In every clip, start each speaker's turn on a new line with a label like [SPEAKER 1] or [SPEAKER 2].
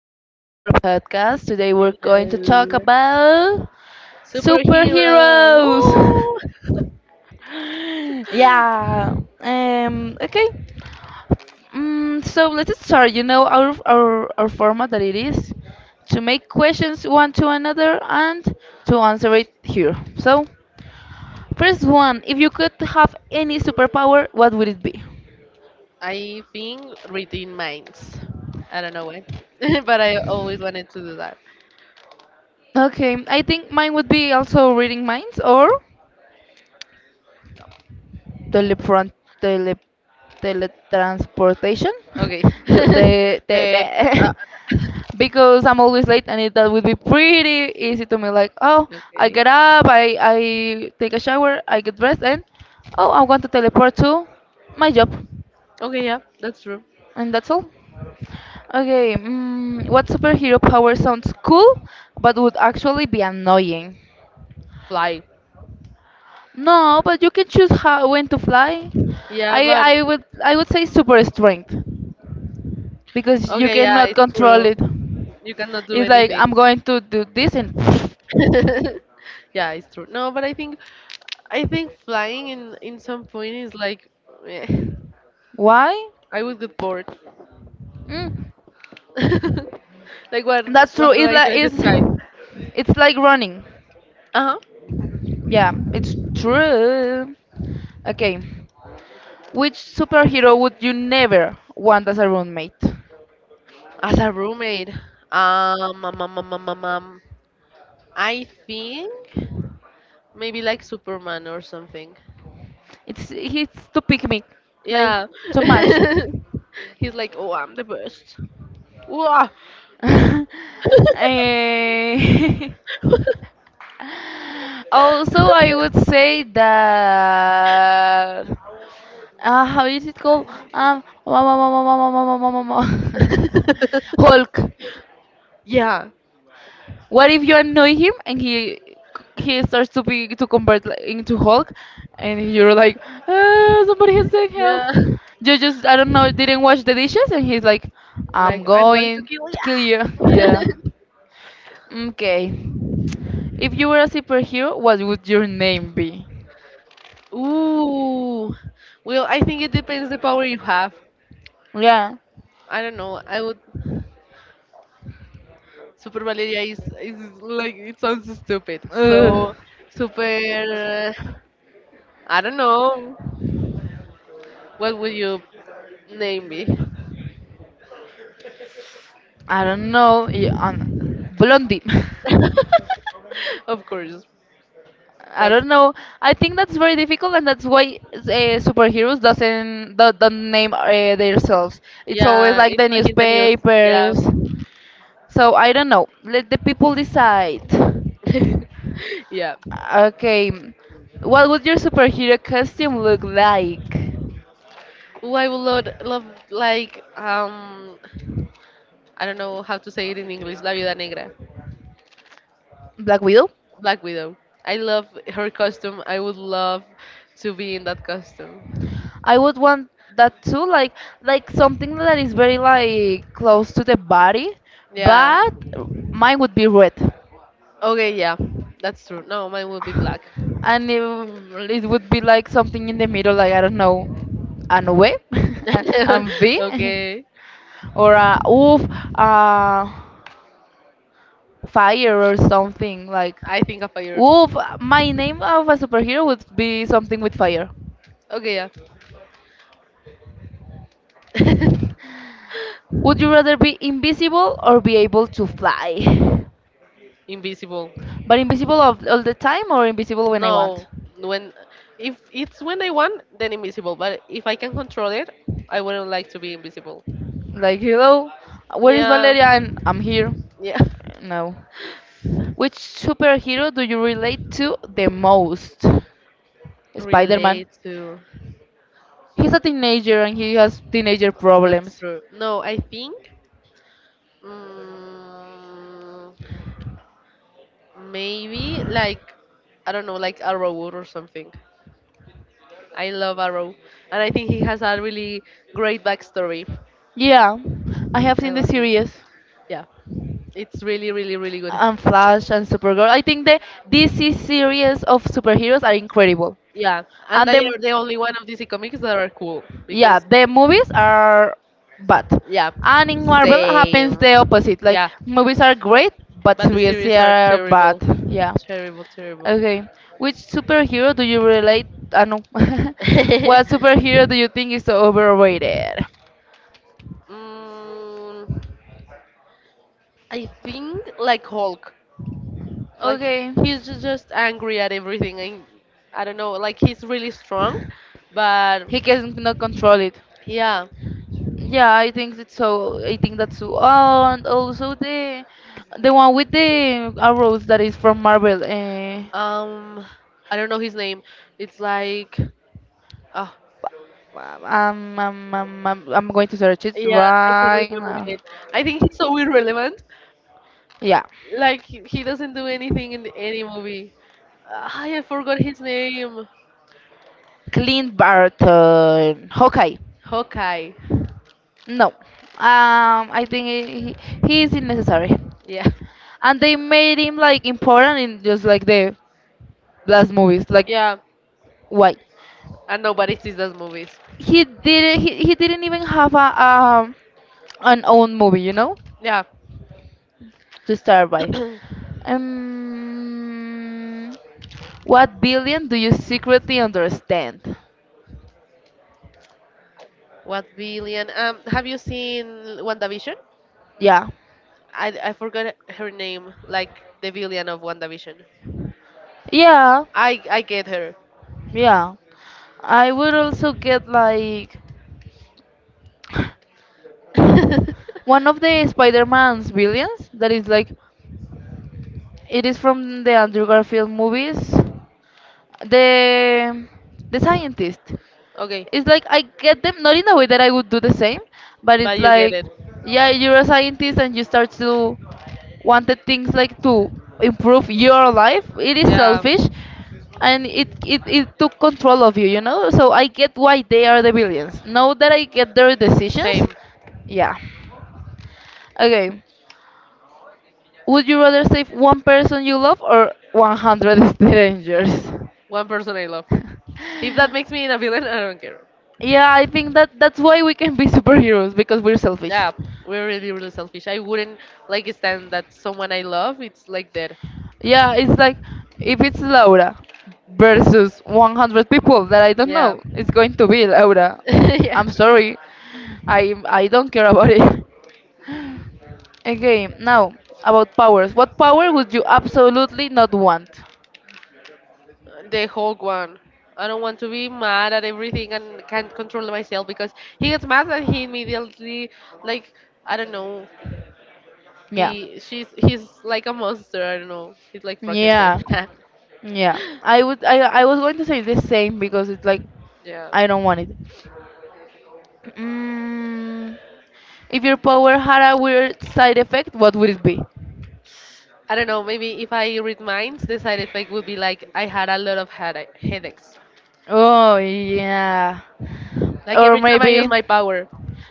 [SPEAKER 1] back to our podcast. Today we're going to talk
[SPEAKER 2] Hello.
[SPEAKER 1] about
[SPEAKER 2] Superhero.
[SPEAKER 1] superheroes.
[SPEAKER 2] Woo!
[SPEAKER 1] yeah. Okay. So let's start. You know our format that it is to make questions one to another and to answer it here. So first one, if you could have any superpower, what would it be?
[SPEAKER 2] I think reading minds. I don't know why, but I always wanted to do that.
[SPEAKER 1] Okay, I think mine would be also reading minds or telefront tele teletransportation.
[SPEAKER 2] Okay.
[SPEAKER 1] Yo, te, te,
[SPEAKER 2] Eh, uh,
[SPEAKER 1] te. Because I'm always late and that would be pretty easy to me like, oh, I
[SPEAKER 2] okay.
[SPEAKER 1] get up, I take a shower, I get dressed and oh, I'm going to teleport to my job,
[SPEAKER 2] Okay, yeah, that's true.
[SPEAKER 1] and that's all. Okay. What superhero power sounds cool but would actually be annoying?
[SPEAKER 2] Fly.
[SPEAKER 1] No, but you can choose how when to fly.
[SPEAKER 2] Yeah,
[SPEAKER 1] i
[SPEAKER 2] but
[SPEAKER 1] i would i would say super strength because you
[SPEAKER 2] okay, yeah,
[SPEAKER 1] cannot
[SPEAKER 2] it's
[SPEAKER 1] control
[SPEAKER 2] true.
[SPEAKER 1] it.
[SPEAKER 2] You cannot do
[SPEAKER 1] It's like
[SPEAKER 2] anything.
[SPEAKER 1] I'm going to do this and
[SPEAKER 2] yeah, it's true. No, but I think flying in some point is like, eh,
[SPEAKER 1] why?
[SPEAKER 2] I would get bored.
[SPEAKER 1] Mm,
[SPEAKER 2] like what
[SPEAKER 1] that's
[SPEAKER 2] what
[SPEAKER 1] true.
[SPEAKER 2] do I
[SPEAKER 1] It's like
[SPEAKER 2] do in the sky?
[SPEAKER 1] it's like running.
[SPEAKER 2] Uh huh.
[SPEAKER 1] Yeah, it's true. Okay, which superhero would you never want as a roommate?
[SPEAKER 2] As a roommate, um, um, um, um, um, um, um, I think maybe like Superman or something.
[SPEAKER 1] It's to pick me, like,
[SPEAKER 2] Yeah.
[SPEAKER 1] too much.
[SPEAKER 2] He's like, oh, I'm the best. Wow.
[SPEAKER 1] Eh, also, I would say that. How is it called? Um, Hulk.
[SPEAKER 2] yeah.
[SPEAKER 1] What if you annoy him and he starts to be to convert like, into Hulk, and you're like, "Ah, somebody has to help.
[SPEAKER 2] Yeah.
[SPEAKER 1] You just I don't know didn't wash the dishes, and he's like,
[SPEAKER 2] Like
[SPEAKER 1] I'm
[SPEAKER 2] I'm going to
[SPEAKER 1] going
[SPEAKER 2] kill you.
[SPEAKER 1] to kill you." Yeah. Okay. If you were a superhero, what would your name be?
[SPEAKER 2] Ooh. Well, I think it depends the power you have.
[SPEAKER 1] Yeah.
[SPEAKER 2] I don't know. I would Super Valeria is like, it sounds stupid.
[SPEAKER 1] Ugh.
[SPEAKER 2] So super I don't know, what would you name me?
[SPEAKER 1] I don't know. Yeah, Blondie.
[SPEAKER 2] of course.
[SPEAKER 1] I
[SPEAKER 2] That's
[SPEAKER 1] don't know. I think that's very difficult, and that's why superheroes doesn't don't name themselves. It's always
[SPEAKER 2] yeah,
[SPEAKER 1] like
[SPEAKER 2] it's
[SPEAKER 1] the
[SPEAKER 2] like in the news.
[SPEAKER 1] newspapers. So I don't know. Let the people decide.
[SPEAKER 2] Yeah. yeah.
[SPEAKER 1] Okay, what would your superhero costume look like?
[SPEAKER 2] Ooh, I would love like I don't know how to say it in English, La Viuda Negra.
[SPEAKER 1] Black Widow.
[SPEAKER 2] Black Widow. I love her costume. I would love to be in that costume.
[SPEAKER 1] I would want that too, like, something that is very like close to the body,
[SPEAKER 2] Yeah.
[SPEAKER 1] but mine would be red.
[SPEAKER 2] Okay, yeah, that's true. No, mine will be black.
[SPEAKER 1] And it would be like something in the middle, like, I don't know, an W an V,
[SPEAKER 2] okay,
[SPEAKER 1] or a oof, uh, fire or something like
[SPEAKER 2] I think a fire.
[SPEAKER 1] oof. My name of a superhero would be something with fire.
[SPEAKER 2] Okay, yeah.
[SPEAKER 1] Would you rather be invisible or be able to fly?
[SPEAKER 2] invisible.
[SPEAKER 1] But invisible of, all the time or invisible when I want?
[SPEAKER 2] No, when, if it's when I want, then invisible. But if I can control it, I wouldn't like to be invisible.
[SPEAKER 1] Like, hello, where is
[SPEAKER 2] Yeah,
[SPEAKER 1] Valeria? And I'm here.
[SPEAKER 2] yeah.
[SPEAKER 1] No. Which superhero do you relate to the most? Spider Man.
[SPEAKER 2] Relate to.
[SPEAKER 1] He's a teenager and he has teenager
[SPEAKER 2] That's
[SPEAKER 1] problems.
[SPEAKER 2] true. No, I think. Mm, maybe like I don't know, like Arrow or something. I love Arrow, and I think he has a really great backstory.
[SPEAKER 1] Yeah, I have
[SPEAKER 2] I
[SPEAKER 1] seen the
[SPEAKER 2] love him.
[SPEAKER 1] series.
[SPEAKER 2] Yeah, it's really, really, really good.
[SPEAKER 1] And Flash and Supergirl. I think the DC series of superheroes are incredible.
[SPEAKER 2] Yeah, and
[SPEAKER 1] And
[SPEAKER 2] they
[SPEAKER 1] the
[SPEAKER 2] are the only one of DC comics that are cool
[SPEAKER 1] yeah,
[SPEAKER 2] because
[SPEAKER 1] the movies are bad.
[SPEAKER 2] yeah,
[SPEAKER 1] And in Marvel happens
[SPEAKER 2] same.
[SPEAKER 1] the opposite. Like,
[SPEAKER 2] Yeah,
[SPEAKER 1] movies are great, but
[SPEAKER 2] but the
[SPEAKER 1] series
[SPEAKER 2] series are
[SPEAKER 1] are bad.
[SPEAKER 2] terrible,
[SPEAKER 1] Yeah.
[SPEAKER 2] terrible, terrible.
[SPEAKER 1] Okay. Which superhero do you relate? Ah, no. What superhero do you think is overrated?
[SPEAKER 2] mm, I think like Hulk. Like
[SPEAKER 1] Okay.
[SPEAKER 2] he's just angry at everything, and I don't know. Like he's really strong, but
[SPEAKER 1] He can not control it.
[SPEAKER 2] yeah.
[SPEAKER 1] Yeah, I think it's so. I think that's so. Oh, and also the one with the arrows that is from Marvel.
[SPEAKER 2] Um, I don't know his name. It's like, oh,
[SPEAKER 1] I'm going to search it
[SPEAKER 2] yeah, I can
[SPEAKER 1] right
[SPEAKER 2] remember
[SPEAKER 1] now.
[SPEAKER 2] it. I think he's so irrelevant.
[SPEAKER 1] Yeah,
[SPEAKER 2] Like he doesn't do anything in any movie. Ah, I forgot his name.
[SPEAKER 1] Clint Barton, Hawkeye.
[SPEAKER 2] Hawkeye.
[SPEAKER 1] No, I think he is unnecessary.
[SPEAKER 2] Yeah,
[SPEAKER 1] And they made him like important in just like the last movies. Like,
[SPEAKER 2] yeah.
[SPEAKER 1] why?
[SPEAKER 2] And nobody sees those movies.
[SPEAKER 1] He didn't. He didn't even have a an own movie,
[SPEAKER 2] Yeah.
[SPEAKER 1] to start by. Um, what billion do you secretly understand?
[SPEAKER 2] What billion? Have you seen WandaVision?
[SPEAKER 1] Yeah,
[SPEAKER 2] I forgot her name, like the villain of WandaVision.
[SPEAKER 1] yeah,
[SPEAKER 2] I get her.
[SPEAKER 1] yeah. I would also get like one of the Spider-Man's billions that is like. It is from the Andrew Garfield movies. The the scientist.
[SPEAKER 2] okay,
[SPEAKER 1] It's like I get them not in a way that I would do the same, but it's
[SPEAKER 2] but you get
[SPEAKER 1] like,
[SPEAKER 2] it.
[SPEAKER 1] yeah, you're a scientist and you start to want the things like to improve your life. It is
[SPEAKER 2] Yeah,
[SPEAKER 1] selfish and it took control of you, you know? So I get why they are the villains. Now that I get their decisions,
[SPEAKER 2] same.
[SPEAKER 1] yeah. Okay. Would you rather save one person you love or 100 strangers?
[SPEAKER 2] One person I love. If that makes me a villain, I don't care.
[SPEAKER 1] Yeah, I think that that's why we can be superheroes, because we're selfish.
[SPEAKER 2] Yeah, we're really really selfish. I wouldn't like stand that someone I love. It's like dead.
[SPEAKER 1] Yeah, it's like if it's Laura versus 100 people that I don't
[SPEAKER 2] Yeah.
[SPEAKER 1] know, it's going to be Laura.
[SPEAKER 2] yeah.
[SPEAKER 1] I'm sorry. I don't care about it. Okay, now about powers. What power would you absolutely not want?
[SPEAKER 2] The whole one. I don't want to be mad at everything and can't control myself because he gets mad and he immediately like I don't know
[SPEAKER 1] Yeah.
[SPEAKER 2] be she's he's like a monster. I don't know. He's like Frankenstein.
[SPEAKER 1] Yeah. Yeah. I would I was going to say the same because it's like
[SPEAKER 2] yeah.
[SPEAKER 1] I don't want it. Mm, If your power had a weird side effect, what would it be?
[SPEAKER 2] I don't know. Maybe if I read minds, the side effect would be like I had a lot of headaches.
[SPEAKER 1] Oh, yeah.
[SPEAKER 2] Like
[SPEAKER 1] Or
[SPEAKER 2] every time I
[SPEAKER 1] maybe,
[SPEAKER 2] use my power.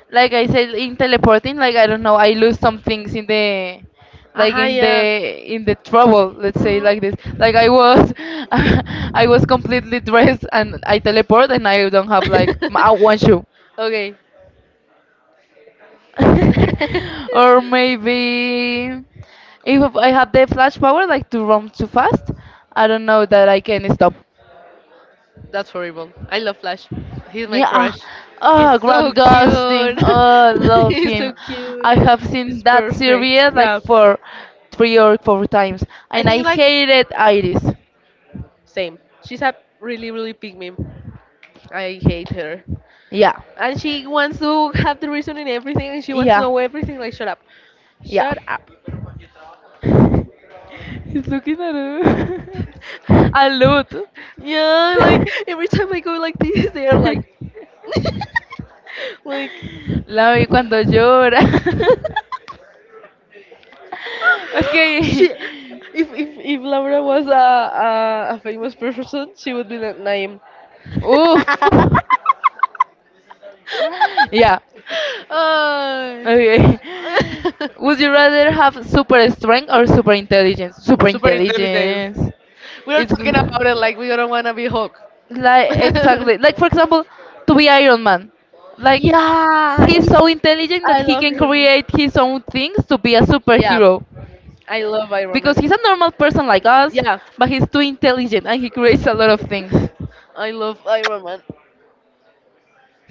[SPEAKER 1] like I said, in teleporting, like, I don't know, I lose some things in like
[SPEAKER 2] Aha,
[SPEAKER 1] in
[SPEAKER 2] yeah.
[SPEAKER 1] the trouble. Let's say
[SPEAKER 2] Mhm.
[SPEAKER 1] like this. Like, I was, I was completely dressed and I teleport and I don't have like one shoe.
[SPEAKER 2] okay.
[SPEAKER 1] Or maybe if I have the flash power, like to run too fast, I don't know that I can stop.
[SPEAKER 2] That's horrible. I love Flash. He's my
[SPEAKER 1] Yeah.
[SPEAKER 2] crush. He's
[SPEAKER 1] Oh,
[SPEAKER 2] so
[SPEAKER 1] Grant Gustin.
[SPEAKER 2] cute.
[SPEAKER 1] Oh, I love
[SPEAKER 2] He's
[SPEAKER 1] him.
[SPEAKER 2] so cute.
[SPEAKER 1] I have seen
[SPEAKER 2] He's
[SPEAKER 1] that
[SPEAKER 2] perfect.
[SPEAKER 1] series like
[SPEAKER 2] Yeah.
[SPEAKER 1] for three or four times,
[SPEAKER 2] I
[SPEAKER 1] and I
[SPEAKER 2] think like
[SPEAKER 1] hated Iris.
[SPEAKER 2] same. She's a really really big meme. I hate her.
[SPEAKER 1] Yeah.
[SPEAKER 2] And she wants to have the reason in everything and she wants to
[SPEAKER 1] Yeah.
[SPEAKER 2] know everything, like shut up.
[SPEAKER 1] Yeah.
[SPEAKER 2] Shut up.
[SPEAKER 1] He's looking at her. A lot.
[SPEAKER 2] yeah, like every time I go like this they are like like
[SPEAKER 1] La vi cuando llora.
[SPEAKER 2] she,
[SPEAKER 1] Okay.
[SPEAKER 2] if if Laura was a famous person, she would be that name.
[SPEAKER 1] Oof. Yeah.
[SPEAKER 2] Uh,
[SPEAKER 1] Okay. Would you rather have super strength or super intelligence? Super
[SPEAKER 2] super intelligence.
[SPEAKER 1] intelligence.
[SPEAKER 2] We are
[SPEAKER 1] It's
[SPEAKER 2] talking about it like we don't want to be Hulk.
[SPEAKER 1] like exactly like, for example, to be Iron Man. Like,
[SPEAKER 2] yeah,
[SPEAKER 1] he's
[SPEAKER 2] he,
[SPEAKER 1] so intelligent
[SPEAKER 2] I
[SPEAKER 1] that he
[SPEAKER 2] love
[SPEAKER 1] can
[SPEAKER 2] him.
[SPEAKER 1] create his own things to be a
[SPEAKER 2] Yeah,
[SPEAKER 1] superhero
[SPEAKER 2] I love Iron
[SPEAKER 1] because
[SPEAKER 2] Man.
[SPEAKER 1] he's a normal person like us,
[SPEAKER 2] Yeah,
[SPEAKER 1] but he's too intelligent and he creates a lot of things.
[SPEAKER 2] I love Iron Man.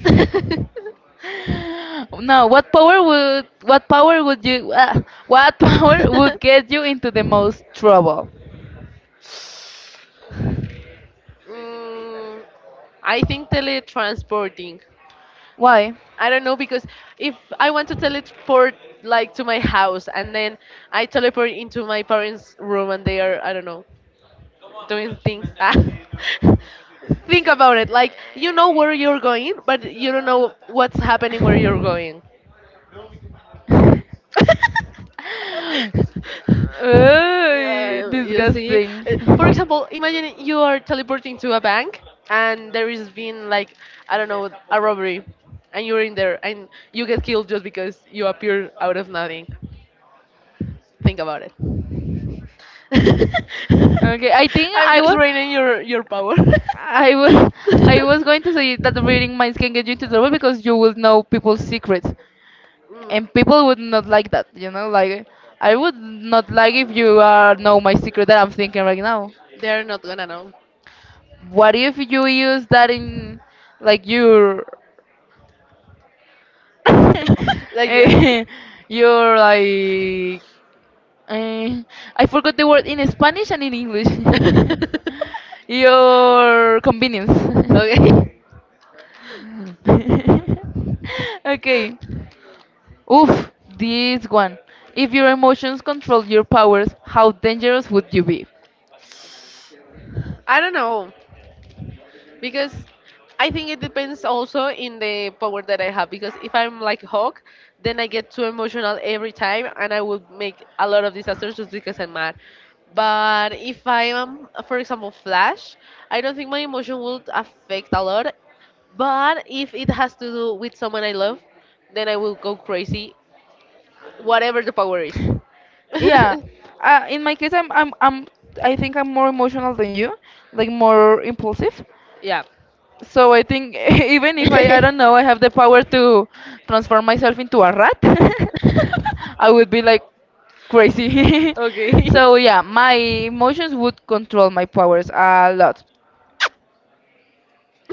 [SPEAKER 1] Now, what power would you what power would get you into the most trouble?
[SPEAKER 2] mm, I think teletransporting.
[SPEAKER 1] Why?
[SPEAKER 2] I don't know, because if I want to teleport like to my house and then I teleport into my parents' room and they are I don't know doing things. think about it. Like you know where you're going, but you don't know what's happening where you're going.
[SPEAKER 1] Ugh,
[SPEAKER 2] You see,
[SPEAKER 1] disgusting.
[SPEAKER 2] uh, for example, imagine you are teleporting to a bank and there is been like I don't know a robbery, and you're in there and you get killed just because you appear out of nothing. Think about it.
[SPEAKER 1] Okay, I think
[SPEAKER 2] I'm just draining your power.
[SPEAKER 1] I was, I was going to say that reading minds can get you into trouble because you will know people's secrets,
[SPEAKER 2] Mm.
[SPEAKER 1] and people would not like that. Like, I would not like if you know my secret that I'm thinking right now.
[SPEAKER 2] They're not gonna know.
[SPEAKER 1] What if you use that in like your
[SPEAKER 2] Like,
[SPEAKER 1] eh, your like, eh, I forgot the word in Spanish and in English. your convenience.
[SPEAKER 2] okay.
[SPEAKER 1] Okay. Oof, this one. If your emotions control your powers, how dangerous would you be?
[SPEAKER 2] I don't know, because I think it depends also in the power that I have. Because if I'm like Hawk, then I get too emotional every time, and I would make a lot of disasters just because I'm mad. But if I am, for example, Flash, I don't think my emotion would affect a lot. But if it has to do with someone I love, then I will go crazy, whatever the power is.
[SPEAKER 1] Yeah. In my case, I think I'm more emotional than you, like more impulsive.
[SPEAKER 2] yeah.
[SPEAKER 1] So I think even if I, I don't know, I have the power to transform myself into a rat, I would be like crazy.
[SPEAKER 2] Okay.
[SPEAKER 1] So yeah, my emotions would control my powers a lot.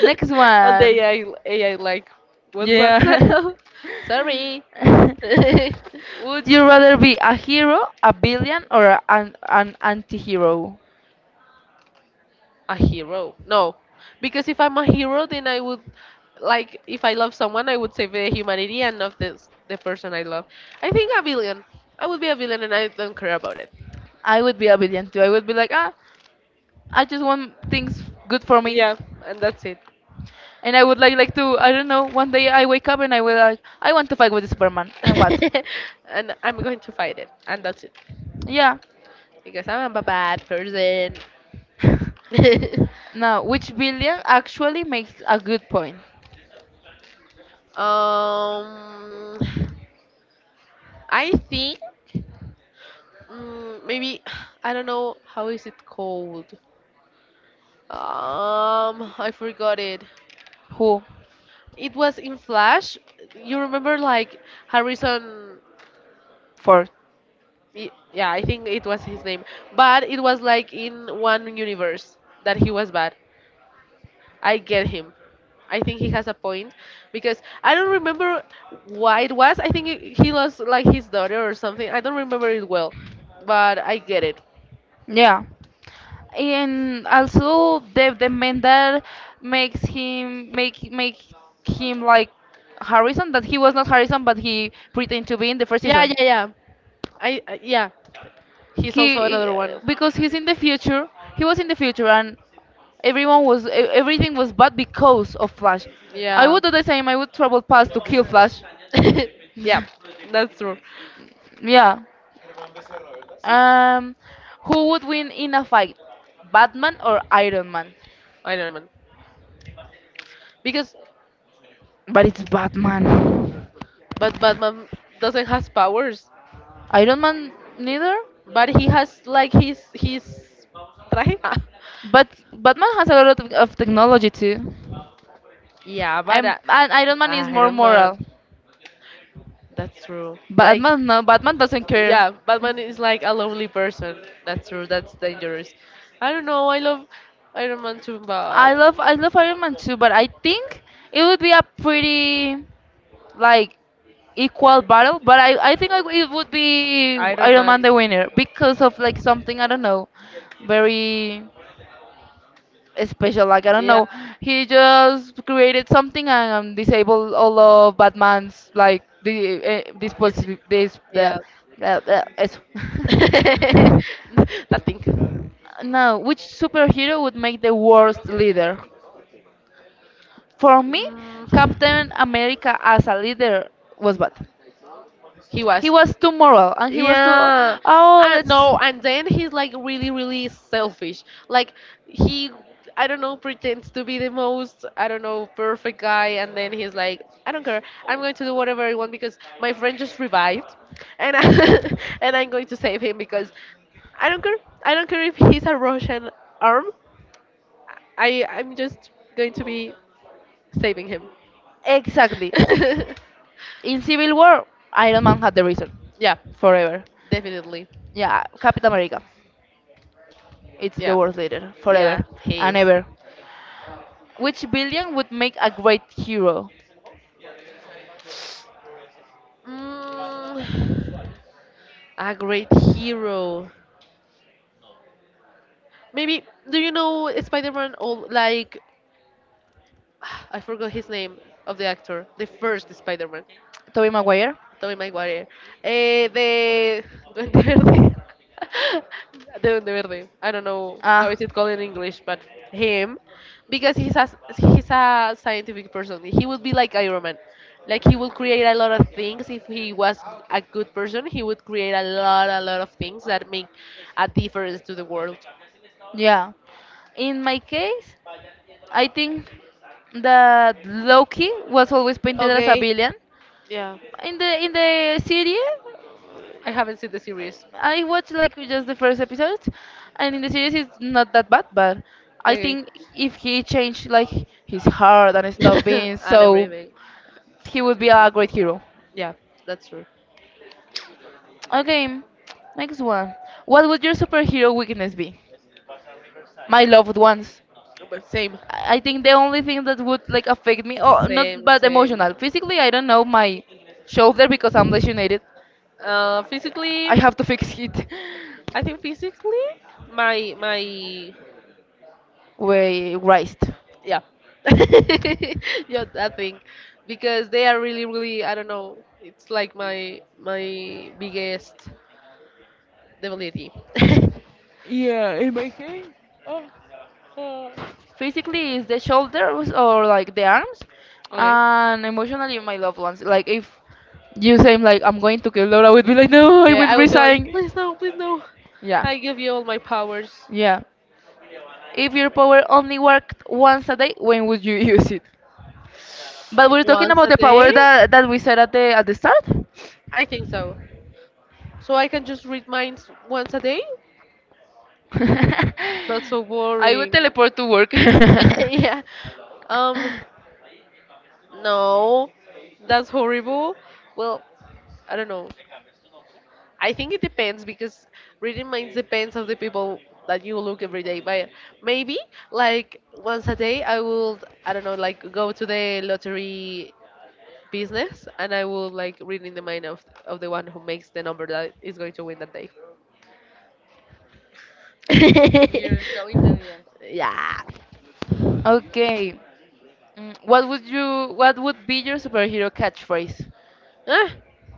[SPEAKER 1] Next
[SPEAKER 2] the
[SPEAKER 1] one.
[SPEAKER 2] AI, AI like, what's that
[SPEAKER 1] Yeah.
[SPEAKER 2] sound? Sorry. a
[SPEAKER 1] would you rather be a hero, a villain, or an anti-hero?
[SPEAKER 2] hero. No. Because if I'm a hero, then I would, like, if I love someone, I would save the humanity and not this, the person I love. I think a villain. I would be a villain and I don't care about it.
[SPEAKER 1] I would be a villain too. I would be like, ah, I just want things good for me.
[SPEAKER 2] Yeah, and that's it.
[SPEAKER 1] And I would like to, I don't know. One day I wake up and I will like I want to fight with Superman. And what?
[SPEAKER 2] and I'm going to fight it. And that's it.
[SPEAKER 1] Yeah.
[SPEAKER 2] Because I'm a bad person.
[SPEAKER 1] Now, which villain actually makes a good point?
[SPEAKER 2] um, I think. Mm, maybe I don't know how is it called. I forgot it.
[SPEAKER 1] Who?
[SPEAKER 2] It was in Flash. You remember like Harrison?
[SPEAKER 1] For?
[SPEAKER 2] Yeah, I think it was his name. But it was like in one universe that he was bad. I get him. I think he has a point because I don't remember why it was. I think he lost like his daughter or something. I don't remember it well, but I get it.
[SPEAKER 1] Yeah. And also the man that makes him make him like Harrison that he was not Harrison but he pretended to be in the first
[SPEAKER 2] Yeah,
[SPEAKER 1] season.
[SPEAKER 2] yeah, yeah. I yeah, he's also
[SPEAKER 1] He
[SPEAKER 2] another one.
[SPEAKER 1] because he's in the future, he was in the future and everything was bad because of Flash. I
[SPEAKER 2] Yeah.
[SPEAKER 1] would do the same. I would travel past to kill Flash.
[SPEAKER 2] yeah, that's true.
[SPEAKER 1] Yeah. um who would win in a fight, Batman or Iron Man?
[SPEAKER 2] Iron Man. Because
[SPEAKER 1] But it's Batman.
[SPEAKER 2] but Batman doesn't has powers,
[SPEAKER 1] Iron Man neither.
[SPEAKER 2] but he has like his traje.
[SPEAKER 1] But Batman has a lot of technology too.
[SPEAKER 2] yeah, but uh,
[SPEAKER 1] And Iron Man is more
[SPEAKER 2] Iron Man.
[SPEAKER 1] moral.
[SPEAKER 2] That's true. Like,
[SPEAKER 1] Batman, no, Batman doesn't care.
[SPEAKER 2] yeah, Batman is like a lonely person. That's true. That's dangerous. I don't know. I love Iron Man too, but
[SPEAKER 1] I love Iron Man too, but I think it would be a pretty like equal battle. But it would be
[SPEAKER 2] Iron
[SPEAKER 1] Iron Man
[SPEAKER 2] Man.
[SPEAKER 1] the winner because of like something, I don't know, very special. Like, I don't
[SPEAKER 2] Yeah,
[SPEAKER 1] know, he just created something and disabled all of Batman's like the this
[SPEAKER 2] you see.
[SPEAKER 1] positive this blah,
[SPEAKER 2] Yeah.
[SPEAKER 1] blah, blah, eso.
[SPEAKER 2] Nothing.
[SPEAKER 1] Now, which superhero would make the worst leader? For me,
[SPEAKER 2] Mm,
[SPEAKER 1] Captain America as a leader was bad.
[SPEAKER 2] he
[SPEAKER 1] He
[SPEAKER 2] was.
[SPEAKER 1] was too moral and he was too,
[SPEAKER 2] Yeah,
[SPEAKER 1] oh,
[SPEAKER 2] and
[SPEAKER 1] let's.
[SPEAKER 2] no, and then he's like really, really selfish. Like he, I don't know, pretends to be the most, I don't know, perfect guy, and then he's like, I don't care, I'm going to do whatever I want because my friend just revived, and and I'm going to save him because I don't care. I don't care if he's a Russian arm. I'm just going to be saving him.
[SPEAKER 1] Exactly. In Civil War, Iron Man had the reason
[SPEAKER 2] yeah,
[SPEAKER 1] forever.
[SPEAKER 2] definitely.
[SPEAKER 1] Yeah, Captain America. It's the
[SPEAKER 2] Yeah,
[SPEAKER 1] world leader
[SPEAKER 2] yeah,
[SPEAKER 1] forever
[SPEAKER 2] he
[SPEAKER 1] and
[SPEAKER 2] is.
[SPEAKER 1] ever. Which villain would make a great hero?
[SPEAKER 2] Mm, a great hero. Maybe do you know Spider-Man? All like I forgot his name of the actor, the first Spider-Man.
[SPEAKER 1] Tobey Maguire?
[SPEAKER 2] Tommy Maguire. Eh, de Duende Verde. de Duende Verde. I don't know how
[SPEAKER 1] Ah,
[SPEAKER 2] is it called in English, but him, because he's a scientific person. He would be like Iron Man. Like he would create a lot of things if he was a good person. He would create a lot of things that make a difference to the world.
[SPEAKER 1] yeah. In my case, I think that Loki was always painted as a
[SPEAKER 2] Okay,
[SPEAKER 1] villain.
[SPEAKER 2] yeah.
[SPEAKER 1] In the series,
[SPEAKER 2] I haven't seen the series.
[SPEAKER 1] I watched like just the first episode, and in the series it's not that bad. But I
[SPEAKER 2] Okay,
[SPEAKER 1] think if he changed like his heart and stopped being
[SPEAKER 2] and
[SPEAKER 1] so,
[SPEAKER 2] everything.
[SPEAKER 1] he would be a great hero.
[SPEAKER 2] Yeah, that's true.
[SPEAKER 1] Okay, next one. What would your superhero weakness be? My loved ones.
[SPEAKER 2] But same.
[SPEAKER 1] I think the only thing that would like affect me, oh, not but
[SPEAKER 2] Same.
[SPEAKER 1] emotional, physically, I don't know, my shoulder because I'm lesionated. I
[SPEAKER 2] Physically,
[SPEAKER 1] I have to fix it.
[SPEAKER 2] I think physically, my
[SPEAKER 1] Wait, Christ.
[SPEAKER 2] yeah, yeah, I think because they are really really I don't know. It's like my biggest debility.
[SPEAKER 1] Yeah, in my case, physically is the shoulders or like the arms,
[SPEAKER 2] okay.
[SPEAKER 1] and emotionally my loved ones. Like if you say like I'm going to kill Laura, I would be like no, I
[SPEAKER 2] Yeah,
[SPEAKER 1] will
[SPEAKER 2] I would be like,
[SPEAKER 1] resign.
[SPEAKER 2] please no, please no.
[SPEAKER 1] Yeah,
[SPEAKER 2] I give you all my powers
[SPEAKER 1] yeah, if your power only worked once a day, when would you use it? But we're talking
[SPEAKER 2] once
[SPEAKER 1] about
[SPEAKER 2] a
[SPEAKER 1] the power
[SPEAKER 2] day.
[SPEAKER 1] that we said at the start.
[SPEAKER 2] I think so. So I can just read minds once a day. That's so
[SPEAKER 1] I would
[SPEAKER 2] boring.
[SPEAKER 1] teleport to work.
[SPEAKER 2] yeah. Um, no, that's horrible. Well, I don't know. I think it depends because reading minds depends of the people that you look every day. But maybe like once a day, I will I don't know like go to the lottery business and I will like read in the mind of the one who makes the number that is going to win that day.
[SPEAKER 1] You're so intelligent.
[SPEAKER 2] yeah.
[SPEAKER 1] Okay. What would be your superhero catchphrase?
[SPEAKER 2] Ah,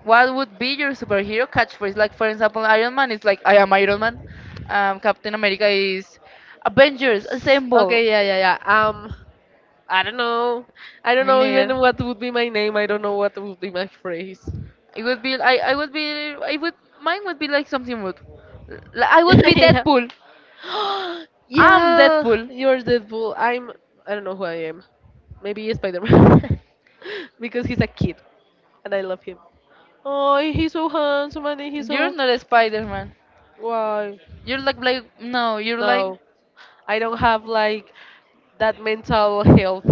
[SPEAKER 1] What would be your superhero catchphrase? Like for example, Iron Man is like I am Iron Man. Captain America is Avengers Assemble.
[SPEAKER 2] okay. Yeah. Yeah. Yeah. I don't know. I don't
[SPEAKER 1] Me
[SPEAKER 2] know even
[SPEAKER 1] neither.
[SPEAKER 2] what would be my name. I don't know what would be my phrase.
[SPEAKER 1] It would be I would be I would Mine would be like something rude. I would be
[SPEAKER 2] yeah.
[SPEAKER 1] Deadpool. I'm
[SPEAKER 2] yeah,
[SPEAKER 1] Deadpool.
[SPEAKER 2] you're Deadpool. I'm. I don't know who I am. Maybe Spider Man. because he's a kid and I love him. Oh, he's so handsome and he's
[SPEAKER 1] You're
[SPEAKER 2] so.
[SPEAKER 1] not a Spider-Man.
[SPEAKER 2] Why?
[SPEAKER 1] You're like no, you're like
[SPEAKER 2] No. I don't have like that mental health.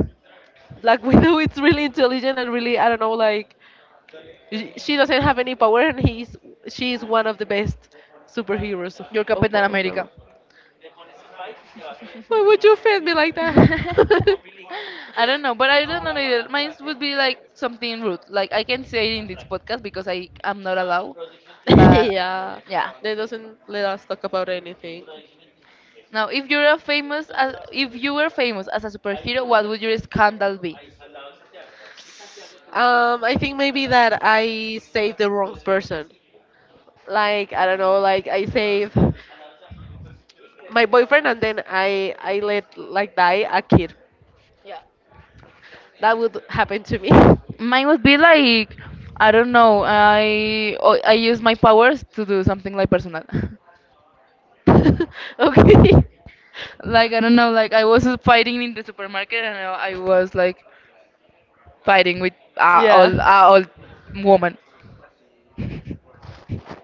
[SPEAKER 2] Black Widow is really intelligent and really, I don't know, like She doesn't have any power, and he's she is one of the best superheroes of
[SPEAKER 1] you're Captain
[SPEAKER 2] of them.
[SPEAKER 1] America.
[SPEAKER 2] All. Why would you feed me like that?
[SPEAKER 1] I don't know, but I don't know either. Mine would be like something rude. Like I can say it in this podcast because I am not allowed. But
[SPEAKER 2] yeah,
[SPEAKER 1] yeah.
[SPEAKER 2] they doesn't let us talk about anything.
[SPEAKER 1] Now, if you're a famous, as, if you were famous as a superhero, what would your scandal be?
[SPEAKER 2] I think maybe that I saved the wrong person. Like I don't know, like I saved my boyfriend, and then I let like die a kid.
[SPEAKER 1] Yeah.
[SPEAKER 2] That would happen to me.
[SPEAKER 1] Mine would be like, I don't know. I use my powers to do something like personal.
[SPEAKER 2] okay.
[SPEAKER 1] Like I don't know. Like I was fighting in the supermarket and I was like fighting with
[SPEAKER 2] Yeah.
[SPEAKER 1] all woman.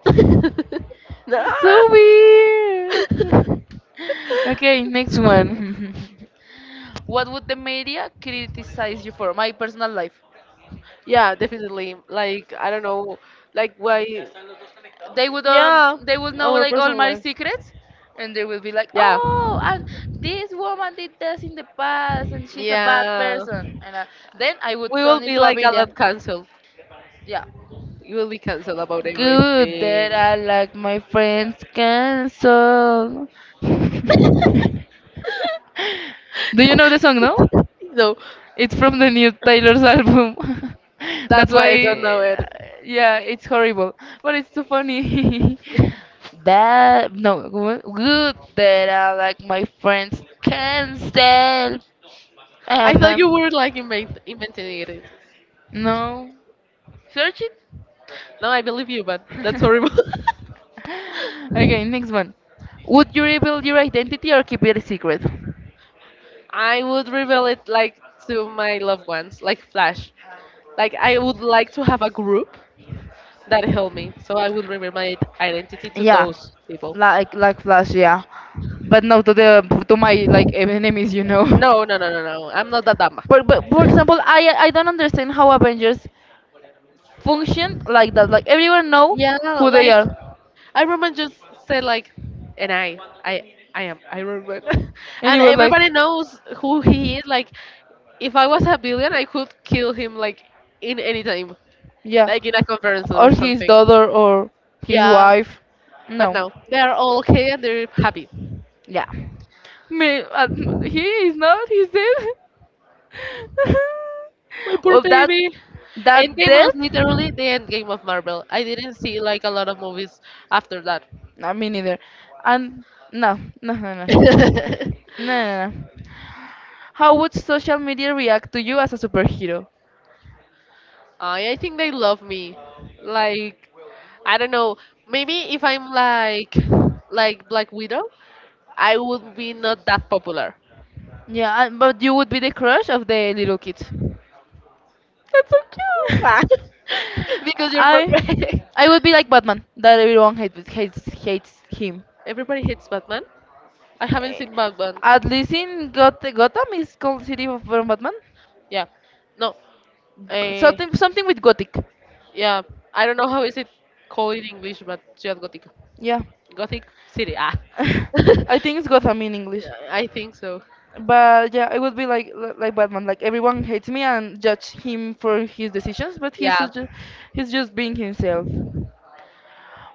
[SPEAKER 1] That's
[SPEAKER 2] Ah!
[SPEAKER 1] so weird. Okay, next one. What would the media criticize you for? My personal life.
[SPEAKER 2] yeah, definitely. Like I don't know, like why? Yeah,
[SPEAKER 1] They would know
[SPEAKER 2] our
[SPEAKER 1] like all
[SPEAKER 2] personal
[SPEAKER 1] my
[SPEAKER 2] life.
[SPEAKER 1] secrets, and they will be like,
[SPEAKER 2] Yeah,
[SPEAKER 1] oh, and this woman did this in the past, and she's a bad
[SPEAKER 2] yeah.
[SPEAKER 1] person. And then I would
[SPEAKER 2] We will
[SPEAKER 1] turn
[SPEAKER 2] be
[SPEAKER 1] into a
[SPEAKER 2] like a
[SPEAKER 1] villain.
[SPEAKER 2] lot cancelled.
[SPEAKER 1] Yeah.
[SPEAKER 2] You will be cancelled about
[SPEAKER 1] Good that
[SPEAKER 2] everything.
[SPEAKER 1] I like my friends cancel. Do you know the song, no?
[SPEAKER 2] No,
[SPEAKER 1] It's from the new Taylor's album. That's
[SPEAKER 2] that's why I don't know
[SPEAKER 1] why,
[SPEAKER 2] it.
[SPEAKER 1] yeah, it's horrible, but it's so funny. That no good that I like my friends can tell.
[SPEAKER 2] I
[SPEAKER 1] Um,
[SPEAKER 2] thought you
[SPEAKER 1] um,
[SPEAKER 2] were like inventing it.
[SPEAKER 1] no, search it.
[SPEAKER 2] No, I believe you, but that's horrible.
[SPEAKER 1] Okay, next one. Would you reveal your identity or keep it a secret?
[SPEAKER 2] I would reveal it like to my loved ones, like Flash. Like I would like to have a group that help me, so I will remember my identity to
[SPEAKER 1] Yeah,
[SPEAKER 2] those people.
[SPEAKER 1] like Flash, yeah. But not to the to my like enemies, you know.
[SPEAKER 2] No, no, no, no, no. I'm not that dumb.
[SPEAKER 1] But for example, I don't understand how Avengers function like that. Like everyone know
[SPEAKER 2] Yeah,
[SPEAKER 1] who they
[SPEAKER 2] like
[SPEAKER 1] are,
[SPEAKER 2] I remember just said like, and I, I am. I remember,
[SPEAKER 1] and it
[SPEAKER 2] and
[SPEAKER 1] was like
[SPEAKER 2] everybody knows who he is. Like, if I was a billion, I could kill him like in any time,
[SPEAKER 1] yeah,
[SPEAKER 2] like in a conference or
[SPEAKER 1] or his
[SPEAKER 2] something.
[SPEAKER 1] daughter or his
[SPEAKER 2] Yeah,
[SPEAKER 1] wife.
[SPEAKER 2] but
[SPEAKER 1] No,
[SPEAKER 2] no, they are all okay and they're happy.
[SPEAKER 1] yeah. Me, he is not. He's dead.
[SPEAKER 2] My poor
[SPEAKER 1] Well, that
[SPEAKER 2] baby.
[SPEAKER 1] that
[SPEAKER 2] Endgame was
[SPEAKER 1] death.
[SPEAKER 2] literally the end game of Marvel. I didn't see like a lot of movies after that.
[SPEAKER 1] Not me neither. And no, no, no, no, no, no, no. How would social media react to you as a superhero?
[SPEAKER 2] I think they love me. Like I don't know. Maybe if I'm like Black Widow, I would be not that popular.
[SPEAKER 1] Yeah, but you would be the crush of the little kids.
[SPEAKER 2] That's so cute. Because you're
[SPEAKER 1] I
[SPEAKER 2] perfect.
[SPEAKER 1] I would be like Batman, that everyone hates him.
[SPEAKER 2] Everybody hates Batman. I haven't
[SPEAKER 1] Eh,
[SPEAKER 2] seen Batman.
[SPEAKER 1] At least in Gotham is called City of from Batman.
[SPEAKER 2] Yeah. No. Uh,
[SPEAKER 1] Something something with Gothic.
[SPEAKER 2] Yeah, I don't know how is it called in English, but Ciudad Gótica,
[SPEAKER 1] Yeah.
[SPEAKER 2] Gothic City. Ah,
[SPEAKER 1] I think it's Gotham in English.
[SPEAKER 2] yeah, I think so.
[SPEAKER 1] But yeah, it would be like like Batman. Like everyone hates me and judge him for his decisions, but
[SPEAKER 2] Yeah,
[SPEAKER 1] he's just being himself.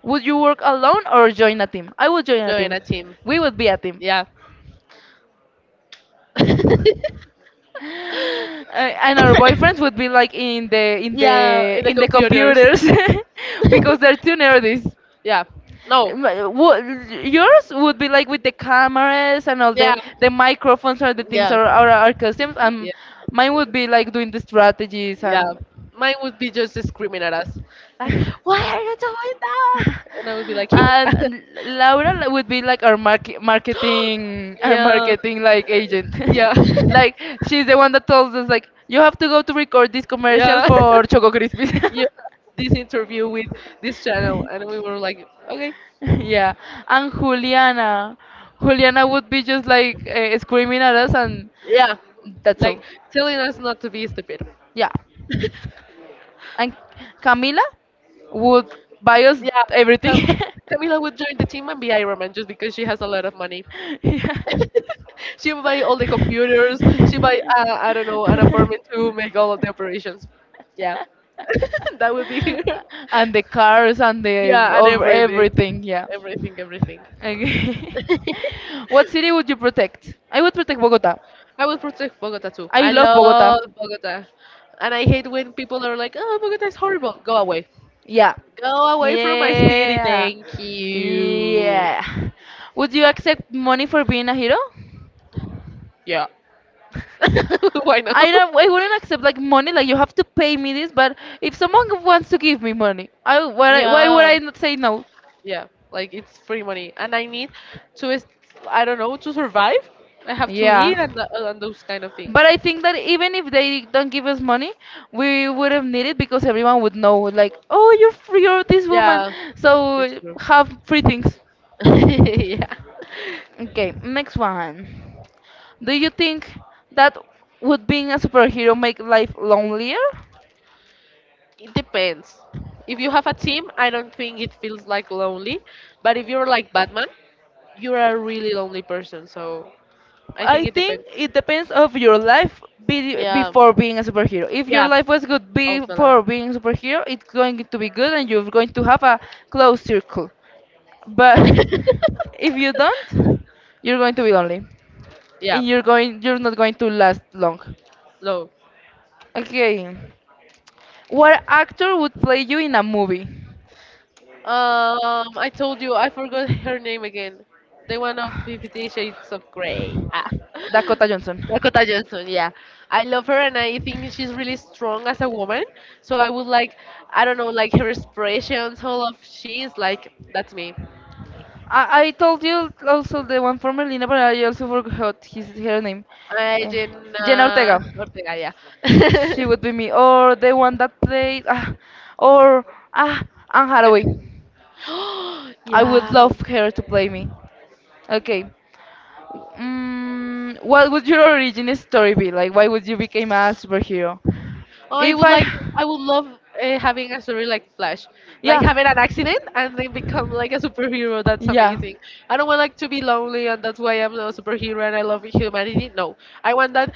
[SPEAKER 1] Would you work alone or join a team? I would join a
[SPEAKER 2] join a
[SPEAKER 1] team.
[SPEAKER 2] team.
[SPEAKER 1] We would be a team.
[SPEAKER 2] Yeah,
[SPEAKER 1] And our boyfriends would be like in
[SPEAKER 2] yeah, in the
[SPEAKER 1] the
[SPEAKER 2] computers.
[SPEAKER 1] computers because they're too nerdy.
[SPEAKER 2] Yeah, no,
[SPEAKER 1] My- what- Yours would be like with the cameras and all the
[SPEAKER 2] yeah,
[SPEAKER 1] the microphones or the things
[SPEAKER 2] yeah,
[SPEAKER 1] or our costumes, and
[SPEAKER 2] yeah,
[SPEAKER 1] mine would be like doing the strategies, and
[SPEAKER 2] yeah. Mine would be just screaming at us, like, "Why are you doing that?" And I would be like,
[SPEAKER 1] and Laura would be like our
[SPEAKER 2] "Yeah."
[SPEAKER 1] marketing like agent.
[SPEAKER 2] Yeah.
[SPEAKER 1] Like she's the one that tells us like you have to go to record this commercial
[SPEAKER 2] Yeah.
[SPEAKER 1] for Choco Crispies.
[SPEAKER 2] You have this interview with this channel and we were like, okay.
[SPEAKER 1] Yeah, and Juliana would be just like screaming at us. And
[SPEAKER 2] Yeah.
[SPEAKER 1] that's all.
[SPEAKER 2] Like telling us not to be stupid.
[SPEAKER 1] Yeah.
[SPEAKER 2] Yeah.
[SPEAKER 1] And Camila would buy us everything.
[SPEAKER 2] Cam- Camila would join the team and be Iron Man just because she has a lot of money.
[SPEAKER 1] Yeah,
[SPEAKER 2] She would buy all the computers. She buy I don't know an apartment to make all of the operations. Yeah, that would be her.
[SPEAKER 1] and the cars and the
[SPEAKER 2] Yeah, and
[SPEAKER 1] over
[SPEAKER 2] everything,
[SPEAKER 1] everything, yeah.
[SPEAKER 2] everything, everything.
[SPEAKER 1] Okay. What city would you protect? I would protect Bogota.
[SPEAKER 2] I would protect Bogota too.
[SPEAKER 1] I
[SPEAKER 2] I
[SPEAKER 1] love Bogota.
[SPEAKER 2] love Bogota. And I hate when people are like, oh, Bogota is horrible. Go away.
[SPEAKER 1] Yeah.
[SPEAKER 2] Go away from my city.
[SPEAKER 1] Yeah.
[SPEAKER 2] Thank you.
[SPEAKER 1] Yeah. Would you accept money for being a hero?
[SPEAKER 2] Yeah. Why not?
[SPEAKER 1] I wouldn't accept like money, like you have to pay me this, but if someone wants to give me money, I why would
[SPEAKER 2] Yeah.
[SPEAKER 1] I not say no?
[SPEAKER 2] Yeah. Like it's free money. And I need to, is- I don't know, to survive. I have to
[SPEAKER 1] Yeah.
[SPEAKER 2] eat and, and those kind of things.
[SPEAKER 1] But I think that even if they don't give us money, we would have needed because everyone would know, like, oh, you're free, you're this woman,
[SPEAKER 2] Yeah. It's
[SPEAKER 1] so
[SPEAKER 2] true.
[SPEAKER 1] have free things.
[SPEAKER 2] Yeah.
[SPEAKER 1] Okay, next one. Do you think that would being a superhero make life lonelier?
[SPEAKER 2] It depends. If you have a team, I don't think it feels like lonely. But if you're like Batman, you're a really lonely person. So I think
[SPEAKER 1] I
[SPEAKER 2] it
[SPEAKER 1] think
[SPEAKER 2] depends.
[SPEAKER 1] it depends of your
[SPEAKER 2] Yeah.
[SPEAKER 1] before being a superhero. If your
[SPEAKER 2] Yeah.
[SPEAKER 1] life was good
[SPEAKER 2] Also that.
[SPEAKER 1] before being a superhero, it's going to be good and you're going to have a closed circle. But if you don't, you're going to be lonely,
[SPEAKER 2] Yeah.
[SPEAKER 1] and you're not going to last long.
[SPEAKER 2] Low.
[SPEAKER 1] Okay. What actor would play you in a movie?
[SPEAKER 2] I told you I forgot her name again. The one of Fifty Shades of Grey. Ah.
[SPEAKER 1] Dakota Johnson.
[SPEAKER 2] Dakota Johnson, yeah. I love her and I think she's really strong as a woman. So I would like, I don't know, like her expressions, all of she is like, that's me.
[SPEAKER 1] I told you also the one from Merlina, but I also forgot his her name.
[SPEAKER 2] I
[SPEAKER 1] Eh,
[SPEAKER 2] didn't,
[SPEAKER 1] Jenna Ortega.
[SPEAKER 2] Ortega, yeah.
[SPEAKER 1] She would be me. Or the one that played, ah, or. Ah, Anne Hathaway. I would
[SPEAKER 2] Yeah,
[SPEAKER 1] love her to play me. Okay. What would your origin story be? Like, why would you become a superhero? If I.
[SPEAKER 2] I would love having a story like Flash, like
[SPEAKER 1] Yeah.
[SPEAKER 2] having an accident and then become like a superhero. That's
[SPEAKER 1] Yeah.
[SPEAKER 2] amazing. I don't want like to be lonely, and that's why I'm a superhero and I love humanity. No, I want that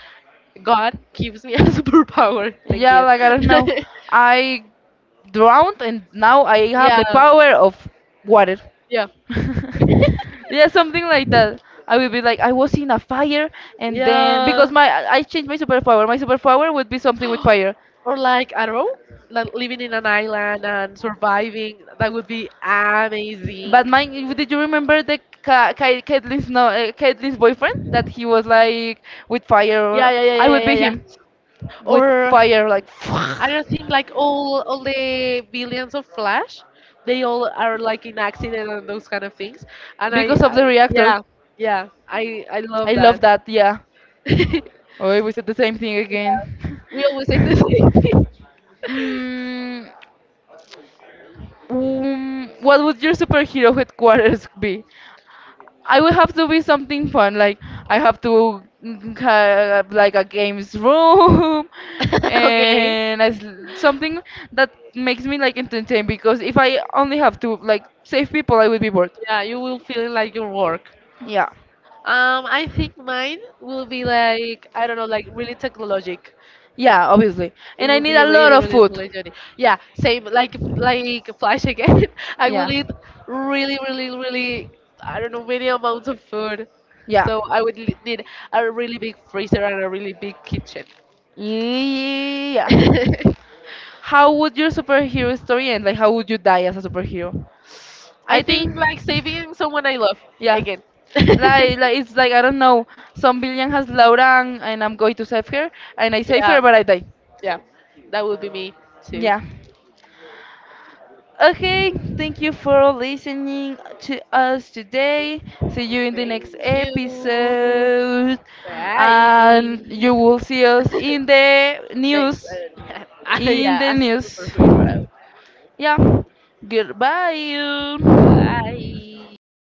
[SPEAKER 2] God gives me a superpower. Thank
[SPEAKER 1] Yeah,
[SPEAKER 2] you.
[SPEAKER 1] like I don't know. I drowned and now I have the
[SPEAKER 2] Yeah,
[SPEAKER 1] power of water.
[SPEAKER 2] yeah,
[SPEAKER 1] Yeah, something like that. I will be like I was in a fire, and then because
[SPEAKER 2] yeah.
[SPEAKER 1] my I changed my superpower. My superpower would be something with fire.
[SPEAKER 2] Or like Arrow, like living in an island and surviving. That would be amazing.
[SPEAKER 1] But mine, did you remember the Caitlyn's no Caitlyn's boyfriend that he was like with
[SPEAKER 2] Yeah,
[SPEAKER 1] fire?
[SPEAKER 2] yeah, yeah,
[SPEAKER 1] I
[SPEAKER 2] yeah, yeah,
[SPEAKER 1] would
[SPEAKER 2] yeah.
[SPEAKER 1] be him
[SPEAKER 2] Yeah.
[SPEAKER 1] with
[SPEAKER 2] Or
[SPEAKER 1] fire like
[SPEAKER 2] I don't think like all the billions of Flash, they all are like in accident and those kind of things. And
[SPEAKER 1] because of
[SPEAKER 2] I
[SPEAKER 1] the reactor.
[SPEAKER 2] yeah, yeah, I
[SPEAKER 1] I
[SPEAKER 2] love
[SPEAKER 1] love
[SPEAKER 2] that.
[SPEAKER 1] that. Yeah.
[SPEAKER 2] We
[SPEAKER 1] Oh, we said the same thing again.
[SPEAKER 2] always say the same thing.
[SPEAKER 1] mm, what would your superhero headquarters be? I would have to be something fun, like I have to have like a games room
[SPEAKER 2] Okay.
[SPEAKER 1] and as something that makes me like entertained, because if I only have to like save people, I would be bored.
[SPEAKER 2] Yeah, you will feel like your work.
[SPEAKER 1] Yeah,
[SPEAKER 2] I think mine will be like I don't know, like really technologic.
[SPEAKER 1] yeah, obviously,
[SPEAKER 2] It
[SPEAKER 1] and I
[SPEAKER 2] will
[SPEAKER 1] need
[SPEAKER 2] be
[SPEAKER 1] a lot
[SPEAKER 2] really,
[SPEAKER 1] of
[SPEAKER 2] really
[SPEAKER 1] food.
[SPEAKER 2] legendary. Yeah, same like Flash again. I will
[SPEAKER 1] Yeah,
[SPEAKER 2] eat really, really, really I don't know many amounts of food.
[SPEAKER 1] yeah,
[SPEAKER 2] So I would need a really big freezer and a really big kitchen.
[SPEAKER 1] yeah. How would your superhero story end? Like, how would you die as a superhero?
[SPEAKER 2] I
[SPEAKER 1] I think,
[SPEAKER 2] think like saving someone I love
[SPEAKER 1] yeah.
[SPEAKER 2] again.
[SPEAKER 1] Like it's like I don't know. Some villain has Laura, and I'm going to save her, and I save
[SPEAKER 2] Yeah,
[SPEAKER 1] her, but I die.
[SPEAKER 2] yeah, that would be me too.
[SPEAKER 1] Yeah. Okay, thank you for listening to us today. See you in the
[SPEAKER 2] Thank
[SPEAKER 1] next
[SPEAKER 2] you.
[SPEAKER 1] episode.
[SPEAKER 2] Bye.
[SPEAKER 1] And you will see us in the
[SPEAKER 2] Next
[SPEAKER 1] news.
[SPEAKER 2] one.
[SPEAKER 1] In
[SPEAKER 2] Yeah,
[SPEAKER 1] the
[SPEAKER 2] ask
[SPEAKER 1] news.
[SPEAKER 2] for who you are.
[SPEAKER 1] Yeah. Goodbye. You.
[SPEAKER 2] Bye.